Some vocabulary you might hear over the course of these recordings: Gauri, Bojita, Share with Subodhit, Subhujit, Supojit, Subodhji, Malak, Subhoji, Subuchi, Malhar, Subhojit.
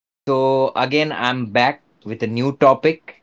So again I'm back with a new topic,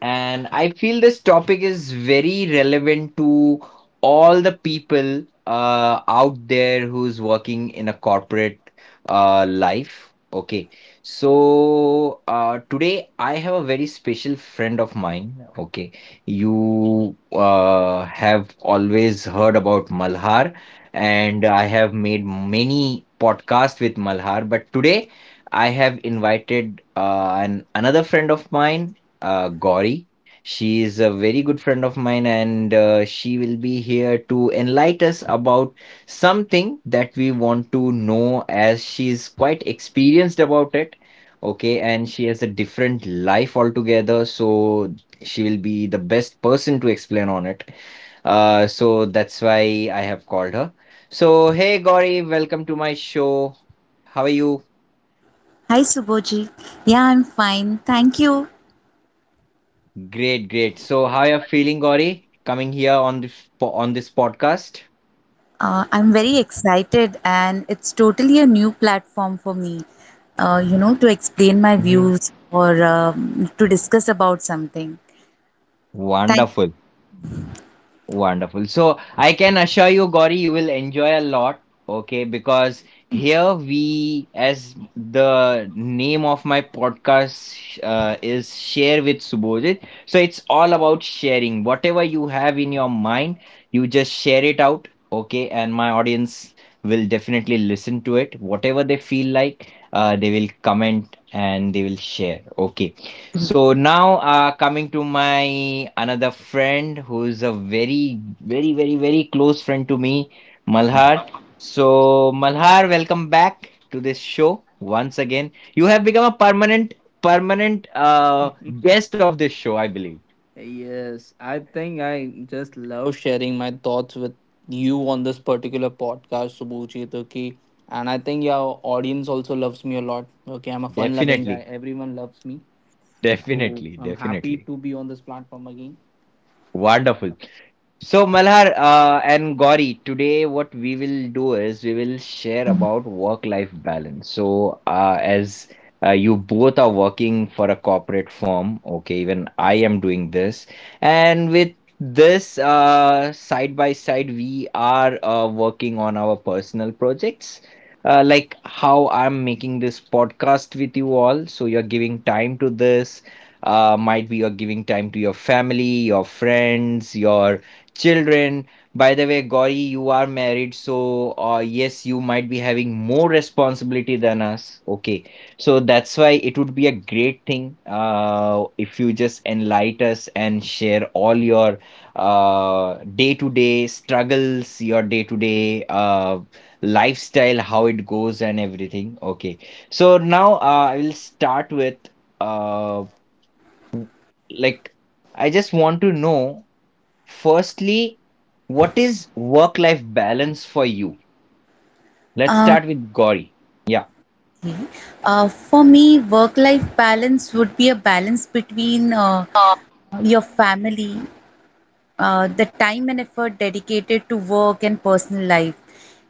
and I feel this topic is very relevant to all the people out there who's working in a corporate life. Okay. So today I have a very special friend of mine. Okay. You have always heard about Malhar, and I have made many podcasts with Malhar, but today I have invited an another friend of mine, Gauri. She is a very good friend of mine, and she will be here to enlighten us about something that we want to know, as she is quite experienced about it. Okay, and she has a different life altogether, so she will be the best person to explain on it. So that's why I have called her. So, hey Gauri, welcome to my show. How are you? Hi Subhoji. Yeah, I'm fine. Thank you. Great, great. So, how you're feeling, Gauri, coming here on the on this podcast? I'm very excited, and it's totally a new platform for me, to explain my hmm views or to discuss about something. Thank Wonderful. Wonderful. So I can assure you, Gauri, you will enjoy a lot, okay? Because here we, as the name of my podcast is Share with Subodhit. So it's all about sharing. Whatever you have in your mind, you just share it out, okay? And my audience will definitely listen to it. Whatever they feel like, they will comment and they will share, okay? So now, coming to my another friend who is a very, very, very, very close friend to me, Malhar. So, Malhar, welcome back to this show once again. You have become a permanent guest of this show, I believe. Yes, I think I just love sharing my thoughts with you on this particular podcast, Subuchi. Okay, and I think your audience also loves me a lot. Okay, I'm a fun loving guy. Definitely, Everyone loves me. So definitely, I'm happy definitely. to be on this platform again. Wonderful. So Malhar and Gauri, today what we will do is we will share about work-life balance. So as you both are working for a corporate firm, okay, even I am doing this, and with this side by side, we are working on our personal projects. Like how I'm making this podcast with you all. So you're giving time to this. Might be you're giving time to your family, your friends, your children. By the way, Gauri, you are married, so yes, you might be having more responsibility than us. Okay, so that's why it would be a great thing if you just enlighten us and share all your day-to-day struggles, your day-to-day lifestyle, how it goes, and everything. Okay, so now I will start with uh, like I just want to know. Firstly, what is work life balance for you? Let's uh, start with Gauri. Yeah. okay. For me, work-life balance would be a balance between your family, the time and effort dedicated to work and personal life,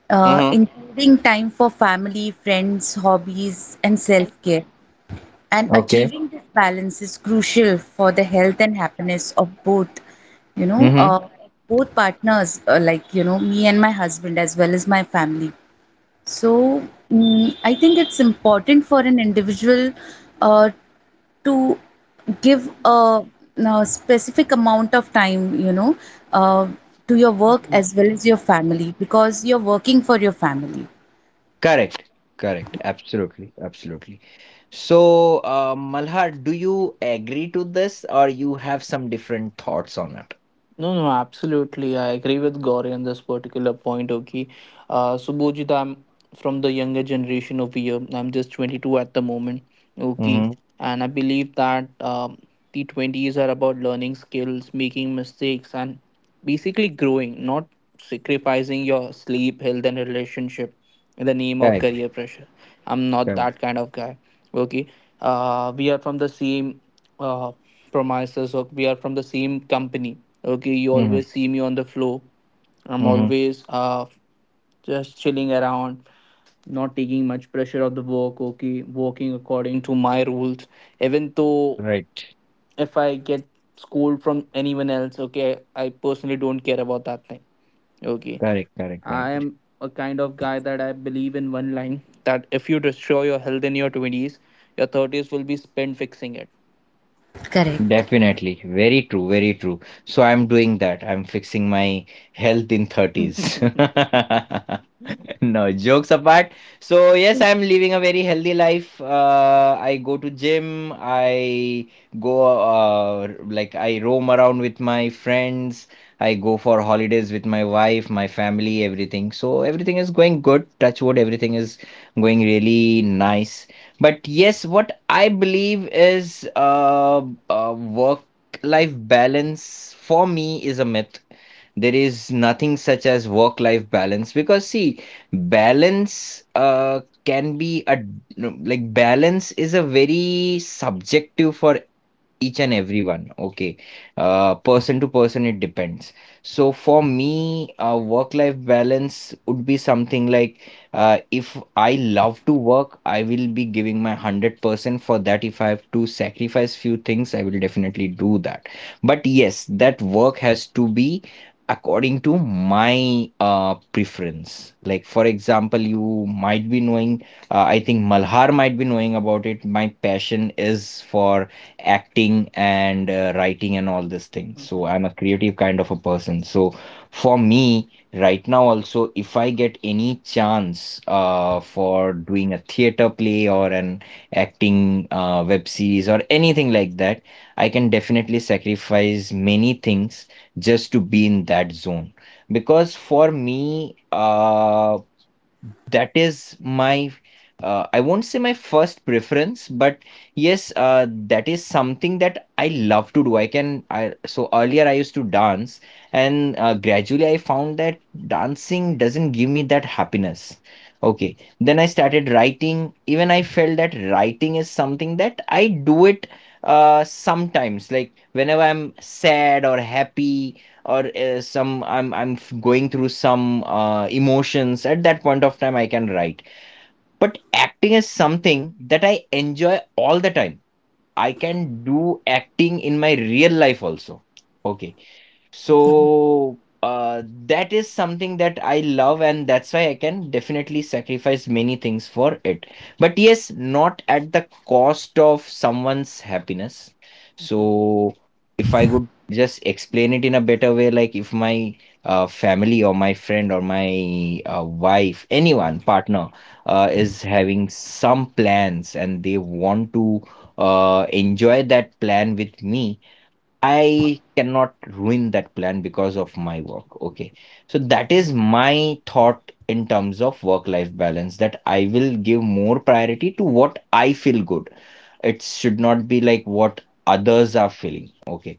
including time for family, friends, hobbies, and self-care. And achieving this balance is crucial for the health and happiness of both, you know Mm-hmm. uh, both partners, like, you know, me and my husband, as well as my family. So, I think it's important for an individual uh, to give a specific amount of time, uh, to your work as well as your family, because you're working for your family. Correct. Correct. Absolutely. Absolutely. So, Malhar, do you agree to this, or you have some different thoughts on it? No, no, absolutely. I agree with Gauri on this particular point. Okay. So, Bojita, I'm from the younger generation over here. I'm just 22 at the moment. Okay. Mm-hmm. And I believe that the 20s are about learning skills, making mistakes, and basically growing, not sacrificing your sleep, health, and relationship in the name of Correct. career pressure. I'm not Correct. that kind of guy. Okay. We are from the same uh, premises, or we are from the same company. Okay, you Mm-hmm. always see me on the floor. I'm Mm-hmm. always just chilling around, not taking much pressure of the work. Okay, working according to my rules. Even though Right. if I get scolded from anyone else, okay, I personally don't care about that thing. Okay, Correct. Correct. I Correct. am a kind of guy that I believe in one line that if you destroy your health in your twenties, your thirties will be spent fixing it. Correct. Definitely. Very true. Very true. So I'm doing that. I'm fixing my health in 30s. No, jokes apart. So yes, I'm living a very healthy life. I go to gym. I go like I roam around with my friends. I go for holidays with my wife, my family, everything. So everything is going good. Touch wood, everything is going really nice. But yes, what I believe is work-life balance for me is a myth. There is nothing such as work-life balance because, see, balance can be a no, like balance is a very subjective for each and everyone. Okay. Person to person, it depends. So for me, work-life balance would be something like, if I love to work, I will be giving my 100%. For that, if I have to sacrifice few things, I will definitely do that. But yes, that work has to be according to my preference. Like, for example, you might be knowing, I think Malhar might be knowing about it. My passion is for acting and writing and all these things. So I'm a creative kind of a person. So for me, right now also, if I get any chance for doing a theater play or an acting web series or anything like that, I can definitely sacrifice many things just to be in that zone. Because for me, that is my I won't say my first preference, but yes, that is something that I love to do. I can I So earlier I used to dance, and gradually I found that dancing doesn't give me that happiness. Okay, then I started writing. Even I felt that writing is something that I do it sometimes, like whenever I'm sad or happy or some I'm f- going through some emotions at that point of time, I can write. But acting is something that I enjoy all the time. I can do acting in my real life also. Okay, so that is something that I love, and that's why I can definitely sacrifice many things for it. But yes, not at the cost of someone's happiness. So if I could just explain it in a better way, like if my family or my friend or my wife, anyone, partner, is having some plans and they want to enjoy that plan with me, I cannot ruin that plan because of my work. Okay. So that is my thought in terms of work-life balance, that I will give more priority to what I feel good. It should not be like what others are feeling. Okay.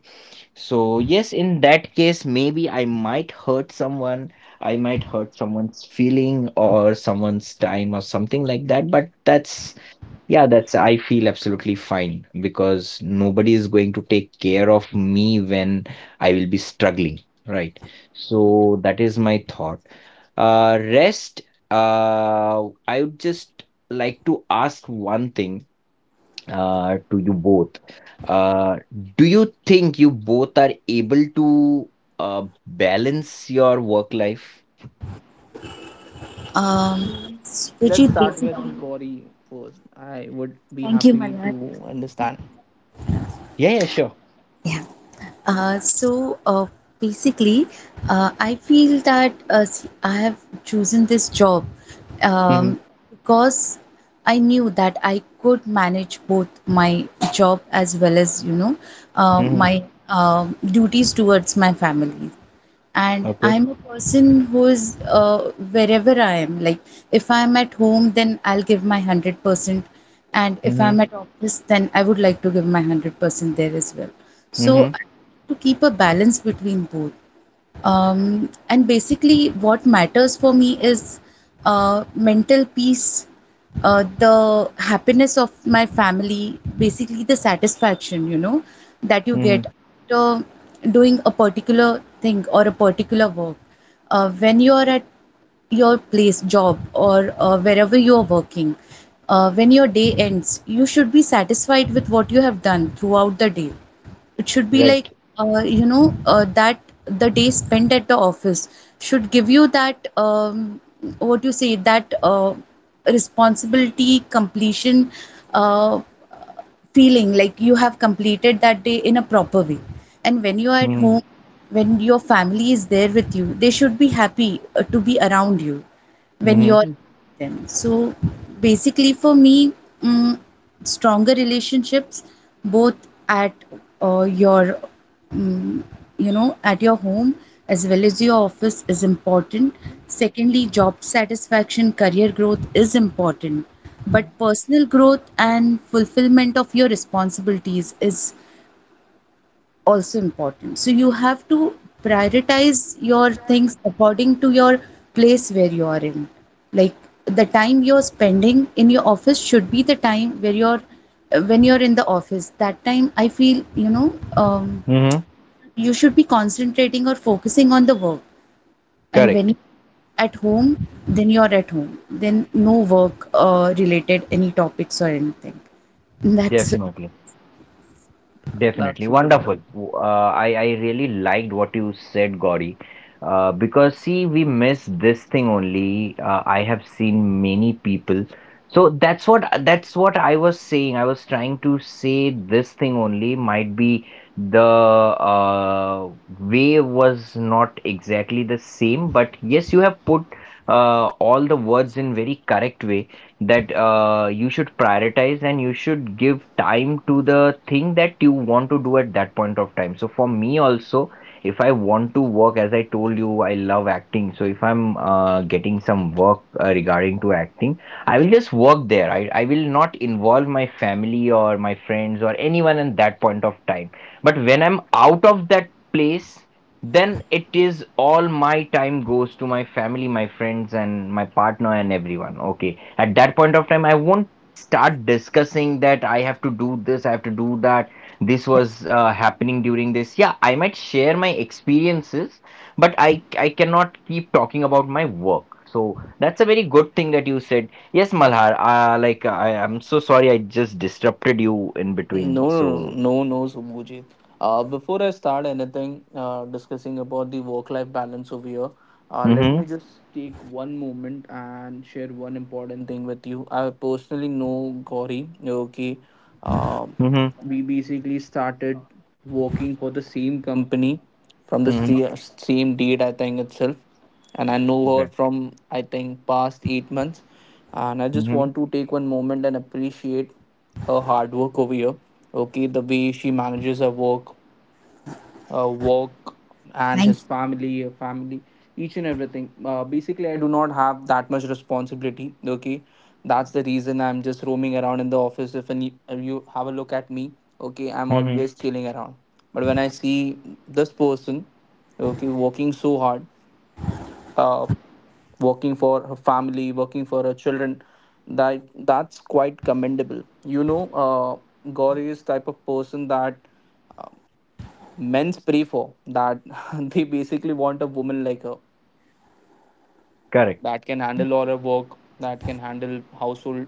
So yes, in that case, maybe I might hurt someone. I might hurt someone's feeling or someone's time or something like that. But that's, yeah, that's, I feel absolutely fine, because nobody is going to take care of me when I will be struggling, right? So that is my thought. Rest, I would just like to ask one thing, to you both. Uh, do you think you both are able to, balance your work life? um, Mm, which let's is start with basically. Gauri first. I would be Thank you, happy Malhar. to understand. Yeah, yeah, sure. Yeah. Uh, so uh, Basically, I feel that I have chosen this job Mm-hmm. um, because I knew that I could manage both my job, as well as, Mm-hmm. my duties towards my family. And Okay. I'm a person who's wherever I am, like, if I'm at home, then I'll give my 100%, and if Mm-hmm. I'm at office, then I would like to give my 100% there as well. So Mm-hmm. I have to keep a balance between both. And basically what matters for me is mental peace, the happiness of my family, basically the satisfaction, you know, that you Mm-hmm. get after doing a particular thing or a particular work, when you are at your place, job, or wherever you are working, when your day ends, you should be satisfied with what you have done throughout the day. It should be like, Right. That the day spent at the office should give you that, what you say, that responsibility completion uh, feeling, like you have completed that day in a proper way. And when you are at Mm-hmm. home, when your family is there with you, they should be happy to be around you when Mm-hmm. you're Hmm, them. So basically, for me, mm, stronger relationships, both at uh, your, mm, at your home as well as your office, is important. Secondly, job satisfaction, career growth is important, but personal growth and fulfillment of your responsibilities is also important. So you have to prioritize your things according to your place where you are in. Like, the time you're spending in your office should be the time where you're when you're in the office. That time I feel, Mhm. you should be concentrating or focusing on the work. And when Correct. you at home, then you're at home. Then no work related any topics or anything. And that's. Definitely. Definitely. That's a good Wonderful. point. I really liked what you said, Gauri. Because, see, we miss this thing only. I have seen many people. So that's what I was saying. I was trying to say this thing only, might be the way was not exactly the same, but yes, you have put all the words in very correct way, that you should prioritize and you should give time to the thing that you want to do at that point of time. So for me also, if I want to work, as I told you, I love acting. So if I'm getting some work regarding to acting, I will just work there. I will not involve my family or my friends or anyone in that point of time. But when I'm out of that place, then it is all my time goes to my family, my friends, and my partner and everyone. Okay, at that point of time I won't start discussing that I have to do this, I have to do that, this was happening during this. Yeah, I might share my experiences, but I cannot keep talking about my work. So that's a very good thing that you said. Yes, Malhar, I'm so sorry, I just disrupted you in between. No, no, So, no, no, no, Subhujit. Before I start anything discussing about the work-life balance over here, let mm-hmm, me just take one moment and share one important thing with you. I personally know Gauri. Okay, um, mm-hmm, we basically started working for the same company from the mm-hmm. Same date, I think itself, and I know her Okay. from I think past 8 months, and I just want to take one moment and appreciate her hard work over here. Okay, the way she manages her work, and Thank, his family her family, each and everything. Basically, I do not have that much responsibility. Okay, that's the reason I'm just roaming around in the office. If any, if you have a look at me, okay, I'm always Mm-hmm. chilling around. But when I see this person, okay, working so hard, uh working for her family, working for her children, that that's quite commendable. You know, Gauri is type of person that uh, men's pray for that. They basically want a woman like her Correct. that can handle all her work, that can handle household.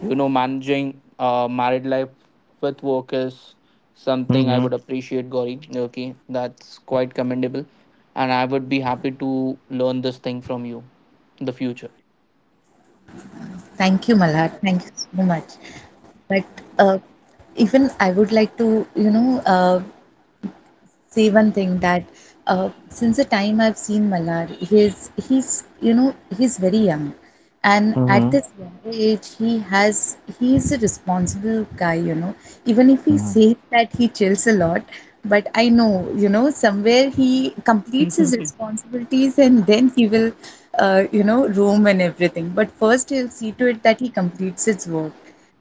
You know, managing married life with work is something I Mhm. would appreciate, Gauri. Okay, that's quite commendable, and I would be happy to learn this thing from you in the future. thank you, Malhar. Thank you so much. But uh, even I would like to, say one thing, that since the time I've seen Malhar, he's very young, and at Mhm. this younger age he's a responsible guy. You know, even if he Mhm. says that he chills a lot, but I know, somewhere he completes his responsibilities and then he will, roam and everything. But first he'll see to it that he completes his work.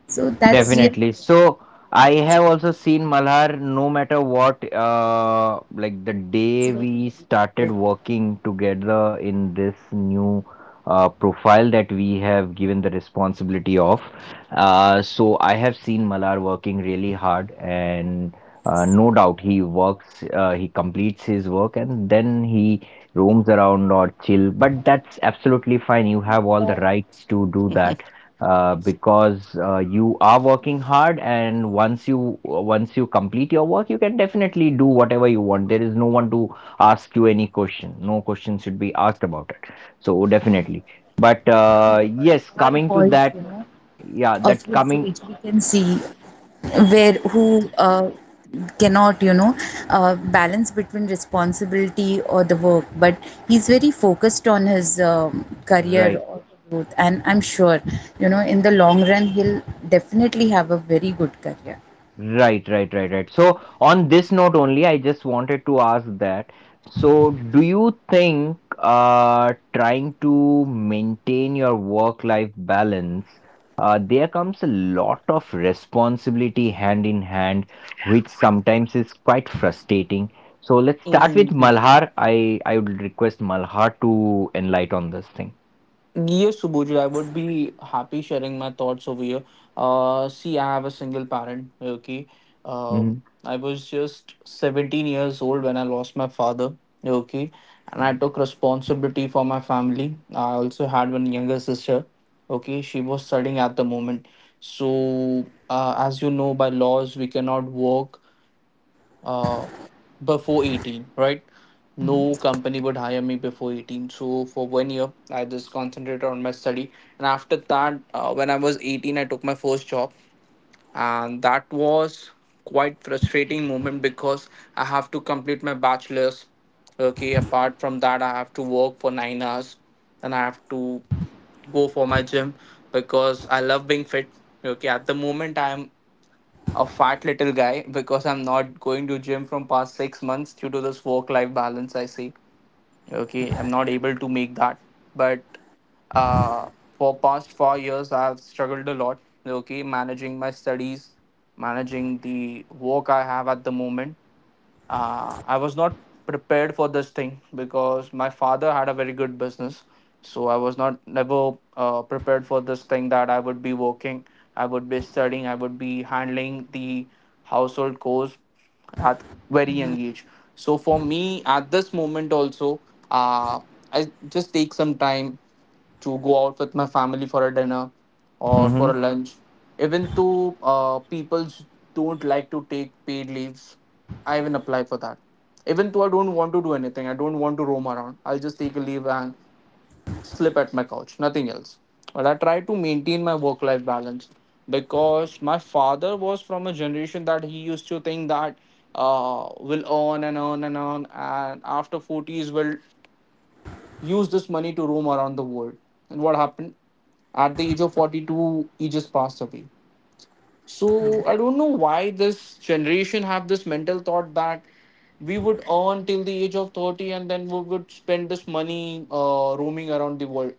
So that's real. Definitely. So I have also seen Malhar, no matter what, like the It's day very we started dedicated. working together in this new profile that we have given the responsibility of. Uh, so I have seen Malhar working really hard, and no doubt he works, he completes his work and then he roams around or chill, but that's absolutely fine, you have all the rights to do that, because you are working hard, and once you, once you complete your work, you can definitely do whatever you want. There is no one to ask you any question, no question should be asked about it. So definitely. But yes, Our coming to boys, you that, know, yeah, of that his coming, age, we can see where who cannot, you know, balance between responsibility or the work, but he's very focused on his career right. or growth, and I'm sure, you know, in the long run, he'll definitely have a very good career. Right, right, right, right. So, on this note only, I just wanted to ask that. So, do you think trying to maintain your work-life balance, there comes a lot of responsibility hand in hand, which sometimes is quite frustrating. So, let's start with Malhar. I would request Malhar to enlighten on this thing. Yes, Subodhji, I would be happy sharing my thoughts over here. See, I have a single parent. Okay, Mm-hmm. I was just 17 years old when I lost my father. Okay, and I took responsibility for my family. I also had one younger sister. Okay, she was studying at the moment. So, as you know, by laws, we cannot work uh, before 18, right? No company would hire me before 18. So for one year, I just concentrated on my study. And after that, when I was 18, I took my first job. And that was quite frustrating moment because I have to complete my bachelor's. Okay, apart from that, I have to work for 9 hours, and I have to go for my gym because I love being fit. Okay, at the moment I am a fat little guy because I'm not going to gym from past 6 months due to this work life balance I see. Okay, I'm not able to make that. But uh, for past 4 years, I've struggled a lot. Okay, managing my studies, managing the work I have at the moment, I was not prepared for this thing because my father had a very good business. So I was not never prepared for this thing that I would be working, I would be studying, I would be handling the household chores at very young age. So for me, at this moment also, uh, I just take some time to go out with my family for a dinner or for a Mhm. lunch. Even though people don't like to take paid leaves, I even apply for that. Even though I don't want to do anything, I don't want to roam around. I'll just take a leave and sleep at my couch, nothing else. But I try to maintain my work life balance because my father was from a generation that he used to think that will earn and earn and earn, and after 40s will use this money to roam around the world. And what happened? At the age of 42, he just passed away. So I don't know why this generation have this mental thought that we would earn till the age of 30, and then we would spend this money roaming around the world.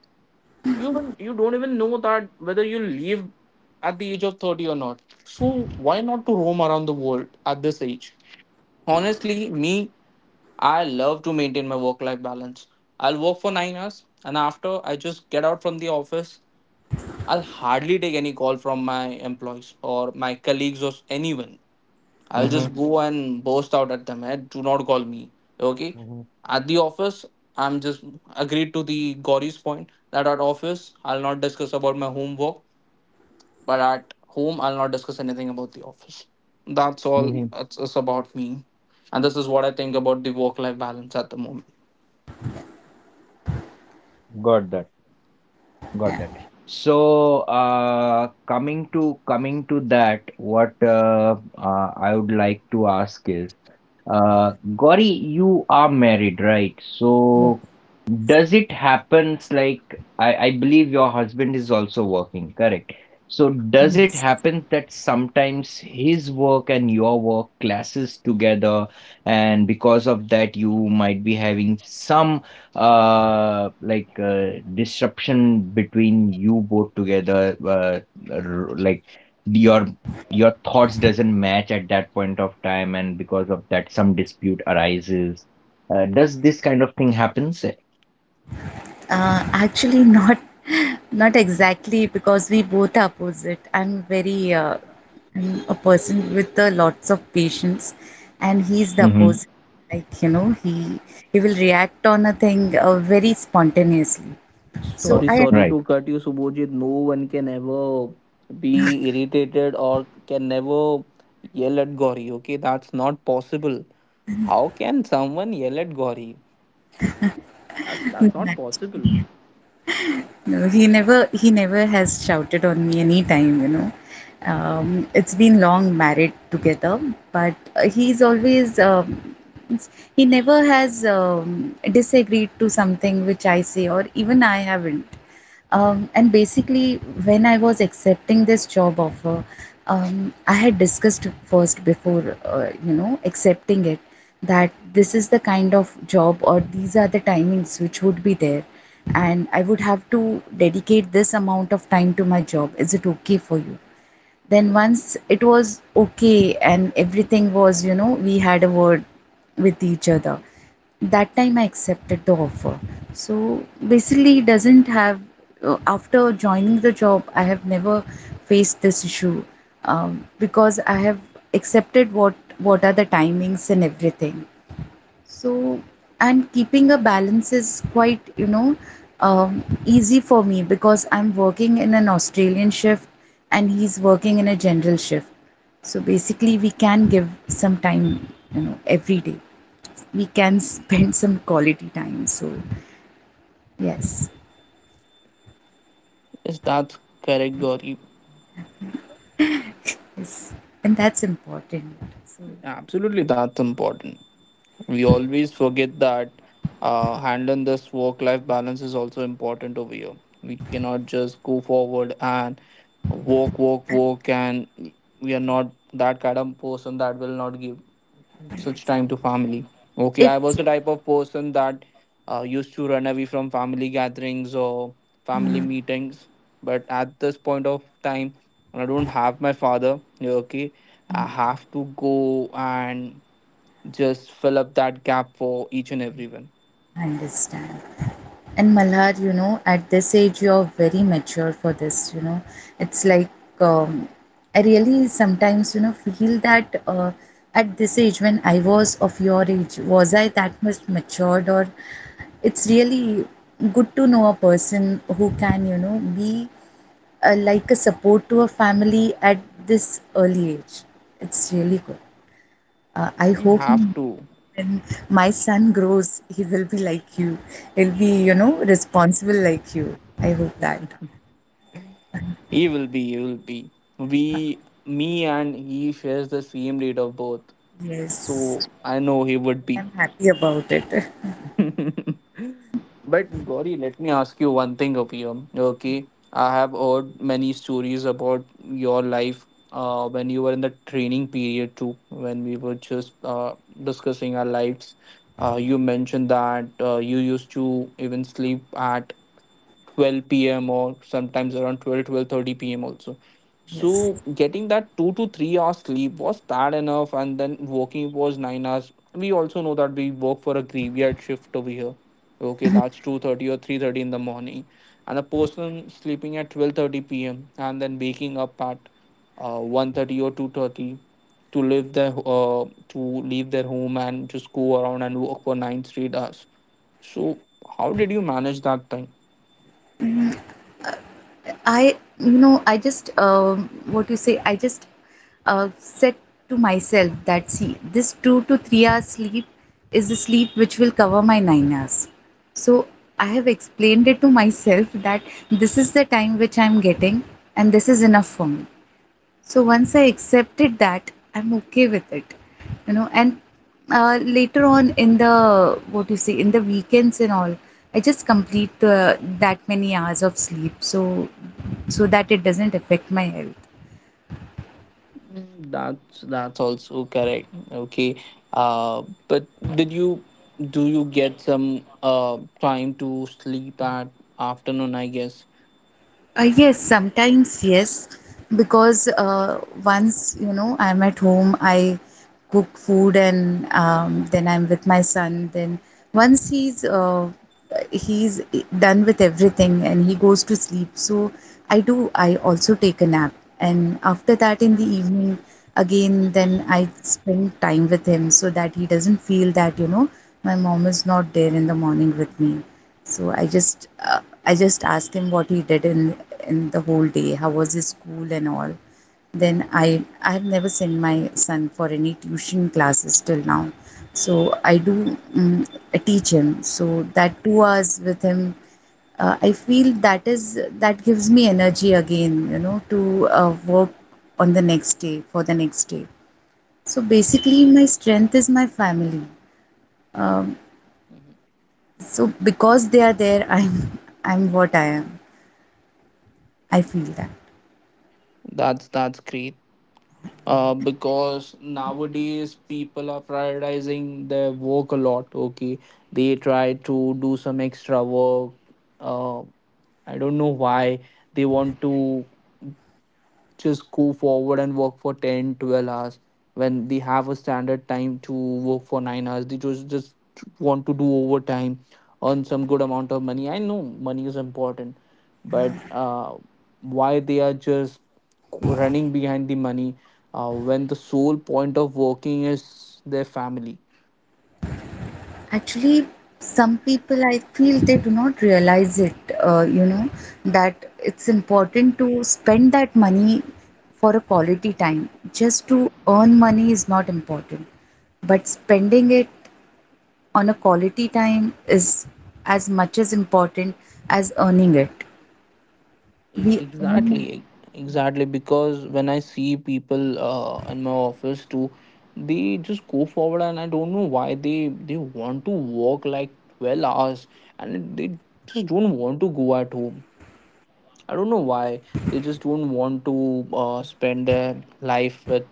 You even you don't even know that whether you leave at the age of 30 or not. So why not to roam around the world at this age? Honestly, me, I love to maintain my work life balance. I'll work for 9 hours, and after I just get out from the office, I'll hardly take any call from my employees or my colleagues or anyone. I'll Mm-hmm. just Mm-hmm. go and burst out at them. Hey, do not call me. Okay. Mhm. At the office, I'm just agreed to the Gauri's point that at office I'll not discuss about my homework, but at home I'll not discuss anything about the office. That's all. Mm-hmm. Mhm. That's about me, and this is what I think about the work-life balance at the moment. Got that. Yeah. Got that. So, coming to that, what I would like to ask is, Gauri, you are married, right? So, Yes. does it happens like, I believe your husband is also working, correct? So, Yes. does it happen that sometimes his work and your work clashes together, and because of that, you might be having some disruption between you both together, like your your thoughts doesn't match at that point of time, and because of that some dispute arises, does this kind of thing happens? Actually, not not exactly, because we both are opposite. I'm a person with lots of patience, and he's the Mm-hmm. opposite. Like, you know, he will react on a thing very spontaneously. So Sorry, I sorry Right. to cut you, Subhojit. No one can ever be irritated or can never yell at Gauri. Okay, that's not possible. How can someone yell at Gauri? That's that's not possible. am. No, he never has shouted on me any time, you know. It's been long married together, but he's always it's- he never has disagreed to something which I say, or even I haven't. And basically, when I was accepting this job offer, I had discussed first before accepting it, that this is the kind of job, or these are the timings which would be there, and I would have to dedicate this amount of time to my job. Is it okay for you? Then, once it was okay and everything was, you know, we had a word with each other, that time I accepted the offer. So, basically, it doesn't have, after joining the job, I have never faced this issue, because I have accepted what are the timings and everything. So, and keeping a balance is quite, easy for me, because I'm working in an Australian shift and he's working in a general shift. So basically, we can give some time, you know, every day. We can spend some quality time. So, yes, Yes, that's correct, Gauri. yes, and that's important. So, Absolutely, that's important. We always forget that handling this work-life balance is also important over here. We cannot just go forward and work, work, work, and we are not that kind of person that will not give such time to family. Okay, I it's, was the type of person that used to run away from family gatherings or family meetings. But at this point of time, I don't have my father. Okay, I have to go and just fill up that gap for each and everyone. I understand. And Malhar, you know, at this age, you're very mature for this, you know. It's like, um, I really sometimes, you know, feel that at this age, when I was of your age, was I that much matured? Or it's really good to know a person who can, you know, be like a support to a family at this early age. It's really good. I We hope have to. when my son grows, he will be like you. He'll be, you know, responsible like you. I hope that. He will be. He will be. We, me, and he shares the same date of birth. Yes, So I know he would I'm be. happy about it. But Gauri, let me ask you one thing over here. Okay, I have heard many stories about your life when you were in the training period too, when we were just discussing our lives. You mentioned that you used to even sleep at 12 p.m. or sometimes around 12, 12:30 p.m. also. Yes. So getting that 2 to 3 hours sleep was that enough, and then working was 9 hours. We also know that we work for a graveyard shift over here. Okay, that's 2:30 or 3:30 in the morning, and a person sleeping at 12:30 p.m. and then waking up at 1:30 or 2:30 to leave their uh, to leave their home and just go around and work for nine straight hours. So how did you manage that time? I just said to myself that, see, this 2 to 3 hours sleep is the sleep which will cover my 9 hours. So I have explained it to myself that this is the time which I'm getting, and this is enough for me. So once I accepted that I'm okay with it, you know, and later on, in the what you say in the weekends and all, I just complete that many hours of sleep, so so that it doesn't affect my health. That's also correct. Okay. Uh, but did you do you get some time to sleep at afternoon, I guess? Yes, sometimes yes, because once, you know, I'm at home, I cook food, and then I'm with my son. Then once he's done with everything and he goes to sleep, so I do. I also take a nap, and after that in the evening again, then I spend time with him so that he doesn't feel that, you know, my mom is not there in the morning with me. So I just asked him what he did in the whole day, how was his school and all. Then I have never sent my son for any tuition classes till now, so I do. I teach him. So that 2 hours with him, I feel that gives me energy again, you know, to work on the next day, for the next day. So basically my strength is my family. um, Mhm. so because they are there, I'm what I am. I feel that. That's great. Because nowadays people are prioritizing their work a lot. Okay, they try to do some extra work. Uh, I don't know why they want to just go forward and work for 10, 12 hours when they have a standard time to work for 9 hours. They just want to do overtime, earn some good amount of money. I know money is important, but why they are just running behind the money when the sole point of working is their family? Actually, some people I feel they do not realize it. You know that it's important to spend that money for a quality time. Just to earn money is not important, but spending it on a quality time is as much as important as earning it. E- We earn Exactly, money. e-, exactly. Because when I see people in my office too, they just go forward, and I don't know why they want to work like 12 hours, and they just don't want to go at home. I don't know why they just don't want to spend their life with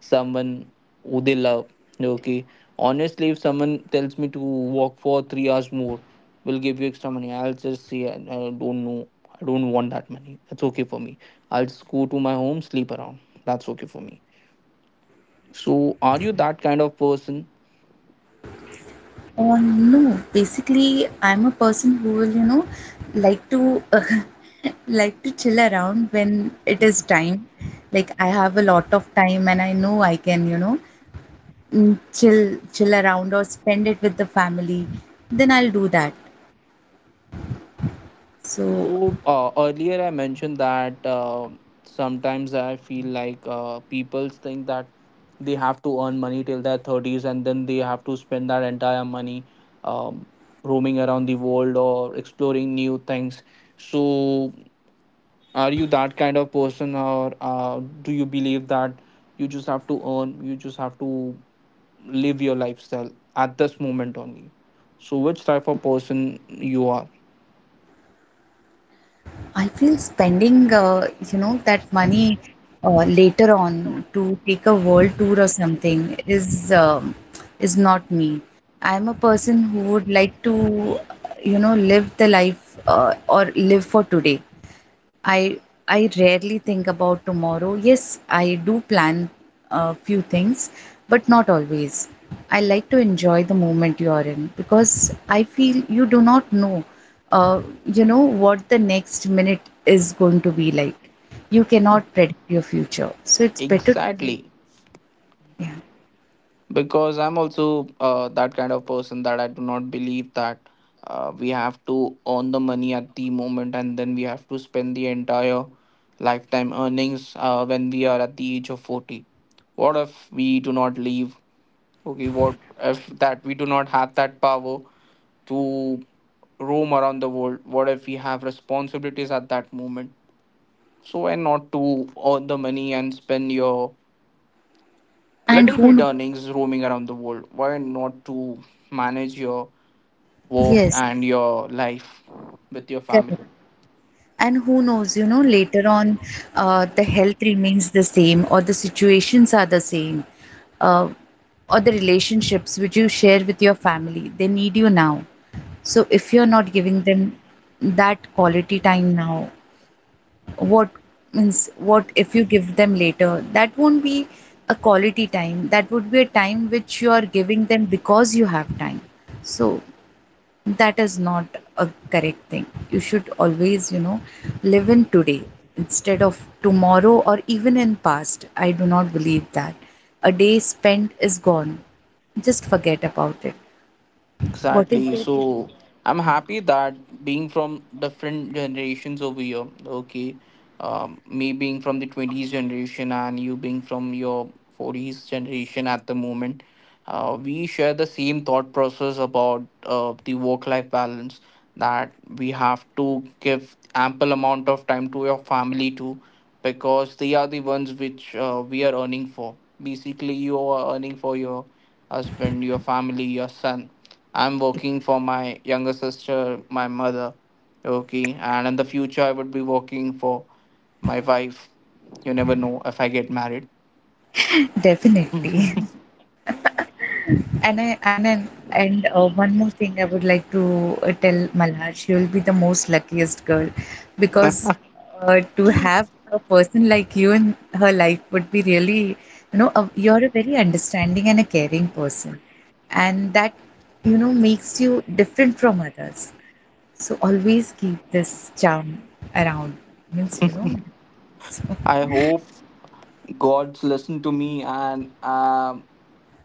someone who they love. Okay. Honestly, if someone tells me to walk for 3 hours more, will give you extra money. I'll just say I don't know. I don't want that money. That's okay for me. I'll just go to my home, sleep around. That's okay for me. So, are you that kind of person? No, basically, I'm a person who will, you know, like to like to chill around when it is time. Like, I have a lot of time and I know I can, you know, chill around or spend it with the family. Then I'll do that. So So earlier I mentioned that sometimes I feel like people think that they have to earn money till their 30s, and then they have to spend that entire money um, roaming around the world or exploring new things. So are you that kind of person or do you believe that you just have to live your lifestyle at this moment only? So which type of person you are? I feel spending, that money later on, to take a world tour or something is not me. I'm a person who would like to, you know, live the life, or live for today. I I rarely think about tomorrow. Yes, I do plan a few things, but not always. I like to enjoy the moment you are in, because I feel you do not know, what the next minute is going to be like. You cannot predict your future, so it's better to. Exactly. Yeah, Because I'm also that kind of person that I do not believe that we have to earn the money at the moment, and then we have to spend the entire lifetime earnings when we are at the age of 40. What if we do not leave? Okay, what if that we do not have that power to roam around the world? What if we have responsibilities at that moment? So why not to earn the money and spend your and little who bit knows? earnings roaming around the world? Why not to manage your work Yes, and your life with your correct. family? And who knows, you know, later on, the health remains the same, or the situations are the same, uh, or the relationships which you share with your family, they need you now. So if you're not giving them that quality time now, what means, what if you give them later, that won't be a quality time. That would be a time which you are giving them because you have time. So that is not a correct thing. You should always, you know, live in today instead of tomorrow, or even in past. I do not believe that a day spent is gone, just forget about it. What is Exactly. there to do? So I'm Yeah. happy that being from different generations over here, okay, me being from the 20s generation and you being from your 40s generation at the moment, we share the same thought process about the work-life balance, that we have to give ample amount of time to your family too, because they are the ones which we are earning for. Basically, you are earning for your husband, your family, your son. I'm working for my younger sister, my mother. Okay. And in the future, I would be working for my wife. You never know if I get married. Definitely. And I I I- and one more thing I would like to tell Malhar, she will be the most luckiest girl, because to have a person like you in her life would be really, you know, you're a very understanding and a caring person, and that, you know, makes you different from others. So always keep this charm around. Means, you know, so, I hope God's listen to me, and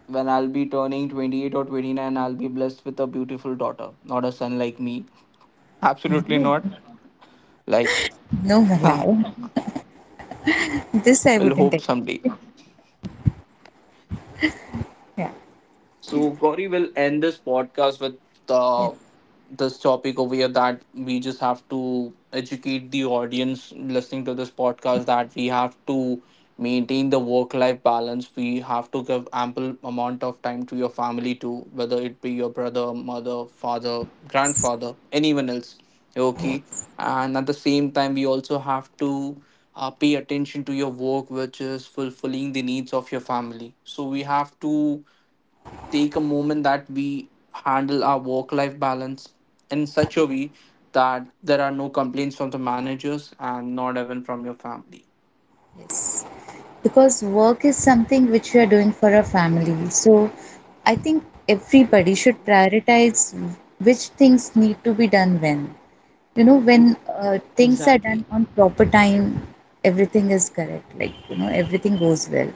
when I'll be turning 28 or 29, I'll be blessed with a beautiful daughter, not a son like me. Absolutely not. Like, no, Malhar. we'll This I wouldn't hope take. someday. Yeah. So Gauri will end this podcast with Yes. uh, this topic over here, that we just have to educate the audience listening to this podcast that we have to maintain the work life balance. We have to give ample amount of time to your family too, whether it be your brother, mother, father, grandfather, anyone else. Okay. Yes. And at the same time we also have to pay attention to your work which is fulfilling the needs of your family. So we have to take a moment that we handle our work life balance in such a way that there are no complaints from the managers and not even from your family. Yes. Because work is something which we are doing for our family. So I think everybody should prioritize which things need to be done when. You know, E- when things are Exactly. done on proper time, everything is correct. Like, you know, everything goes well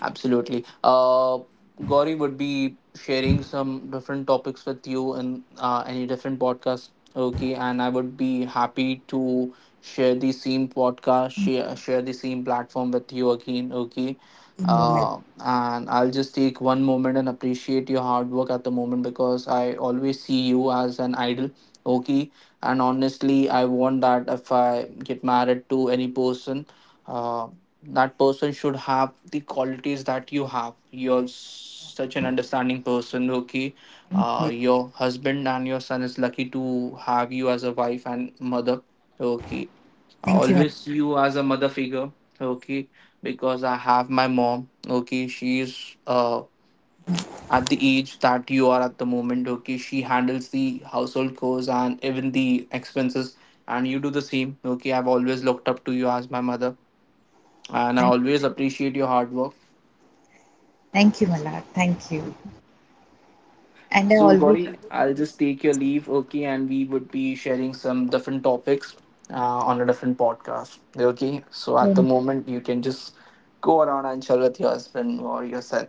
Absolutely. Gauri would be sharing some different topics with you in any different podcast. Okay, and I would be happy to share the same podcast, share the same platform with you again. Okay, in your. And I'll just take one moment and appreciate your hard work at the moment, because I always see you as an idol. Okay, and honestly, I want that if I get married to any person, uh, that person should have the qualities that you have. You're such an understanding person, okay? Thank you. Your husband and your son is lucky to have you as a wife and mother, okay? Thank you, Malak. Always you as a mother figure, okay? Because I have my mom, okay? She's at the age that you are at the moment, okay? She handles the household chores and even the expenses, and you do the same, okay? I've always looked up to you as my mother and I Thank, always appreciate your hard work. thank you, Malak. Thank you. And I So, always. Gauri, I'll just take your leave, okay, and we would be sharing some different topics uh, on a different podcast, okay? So, at the moment, you can just go around and chill with your husband or yourself.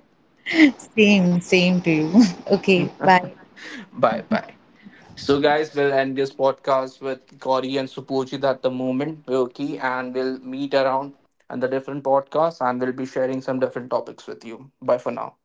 Same, same to you. Okay, bye. Bye bye. So, guys, we'll end this podcast with Gauri and Supojit at the moment, okay, and we'll meet around on the different podcasts and we'll be sharing some different topics with you. Bye for now.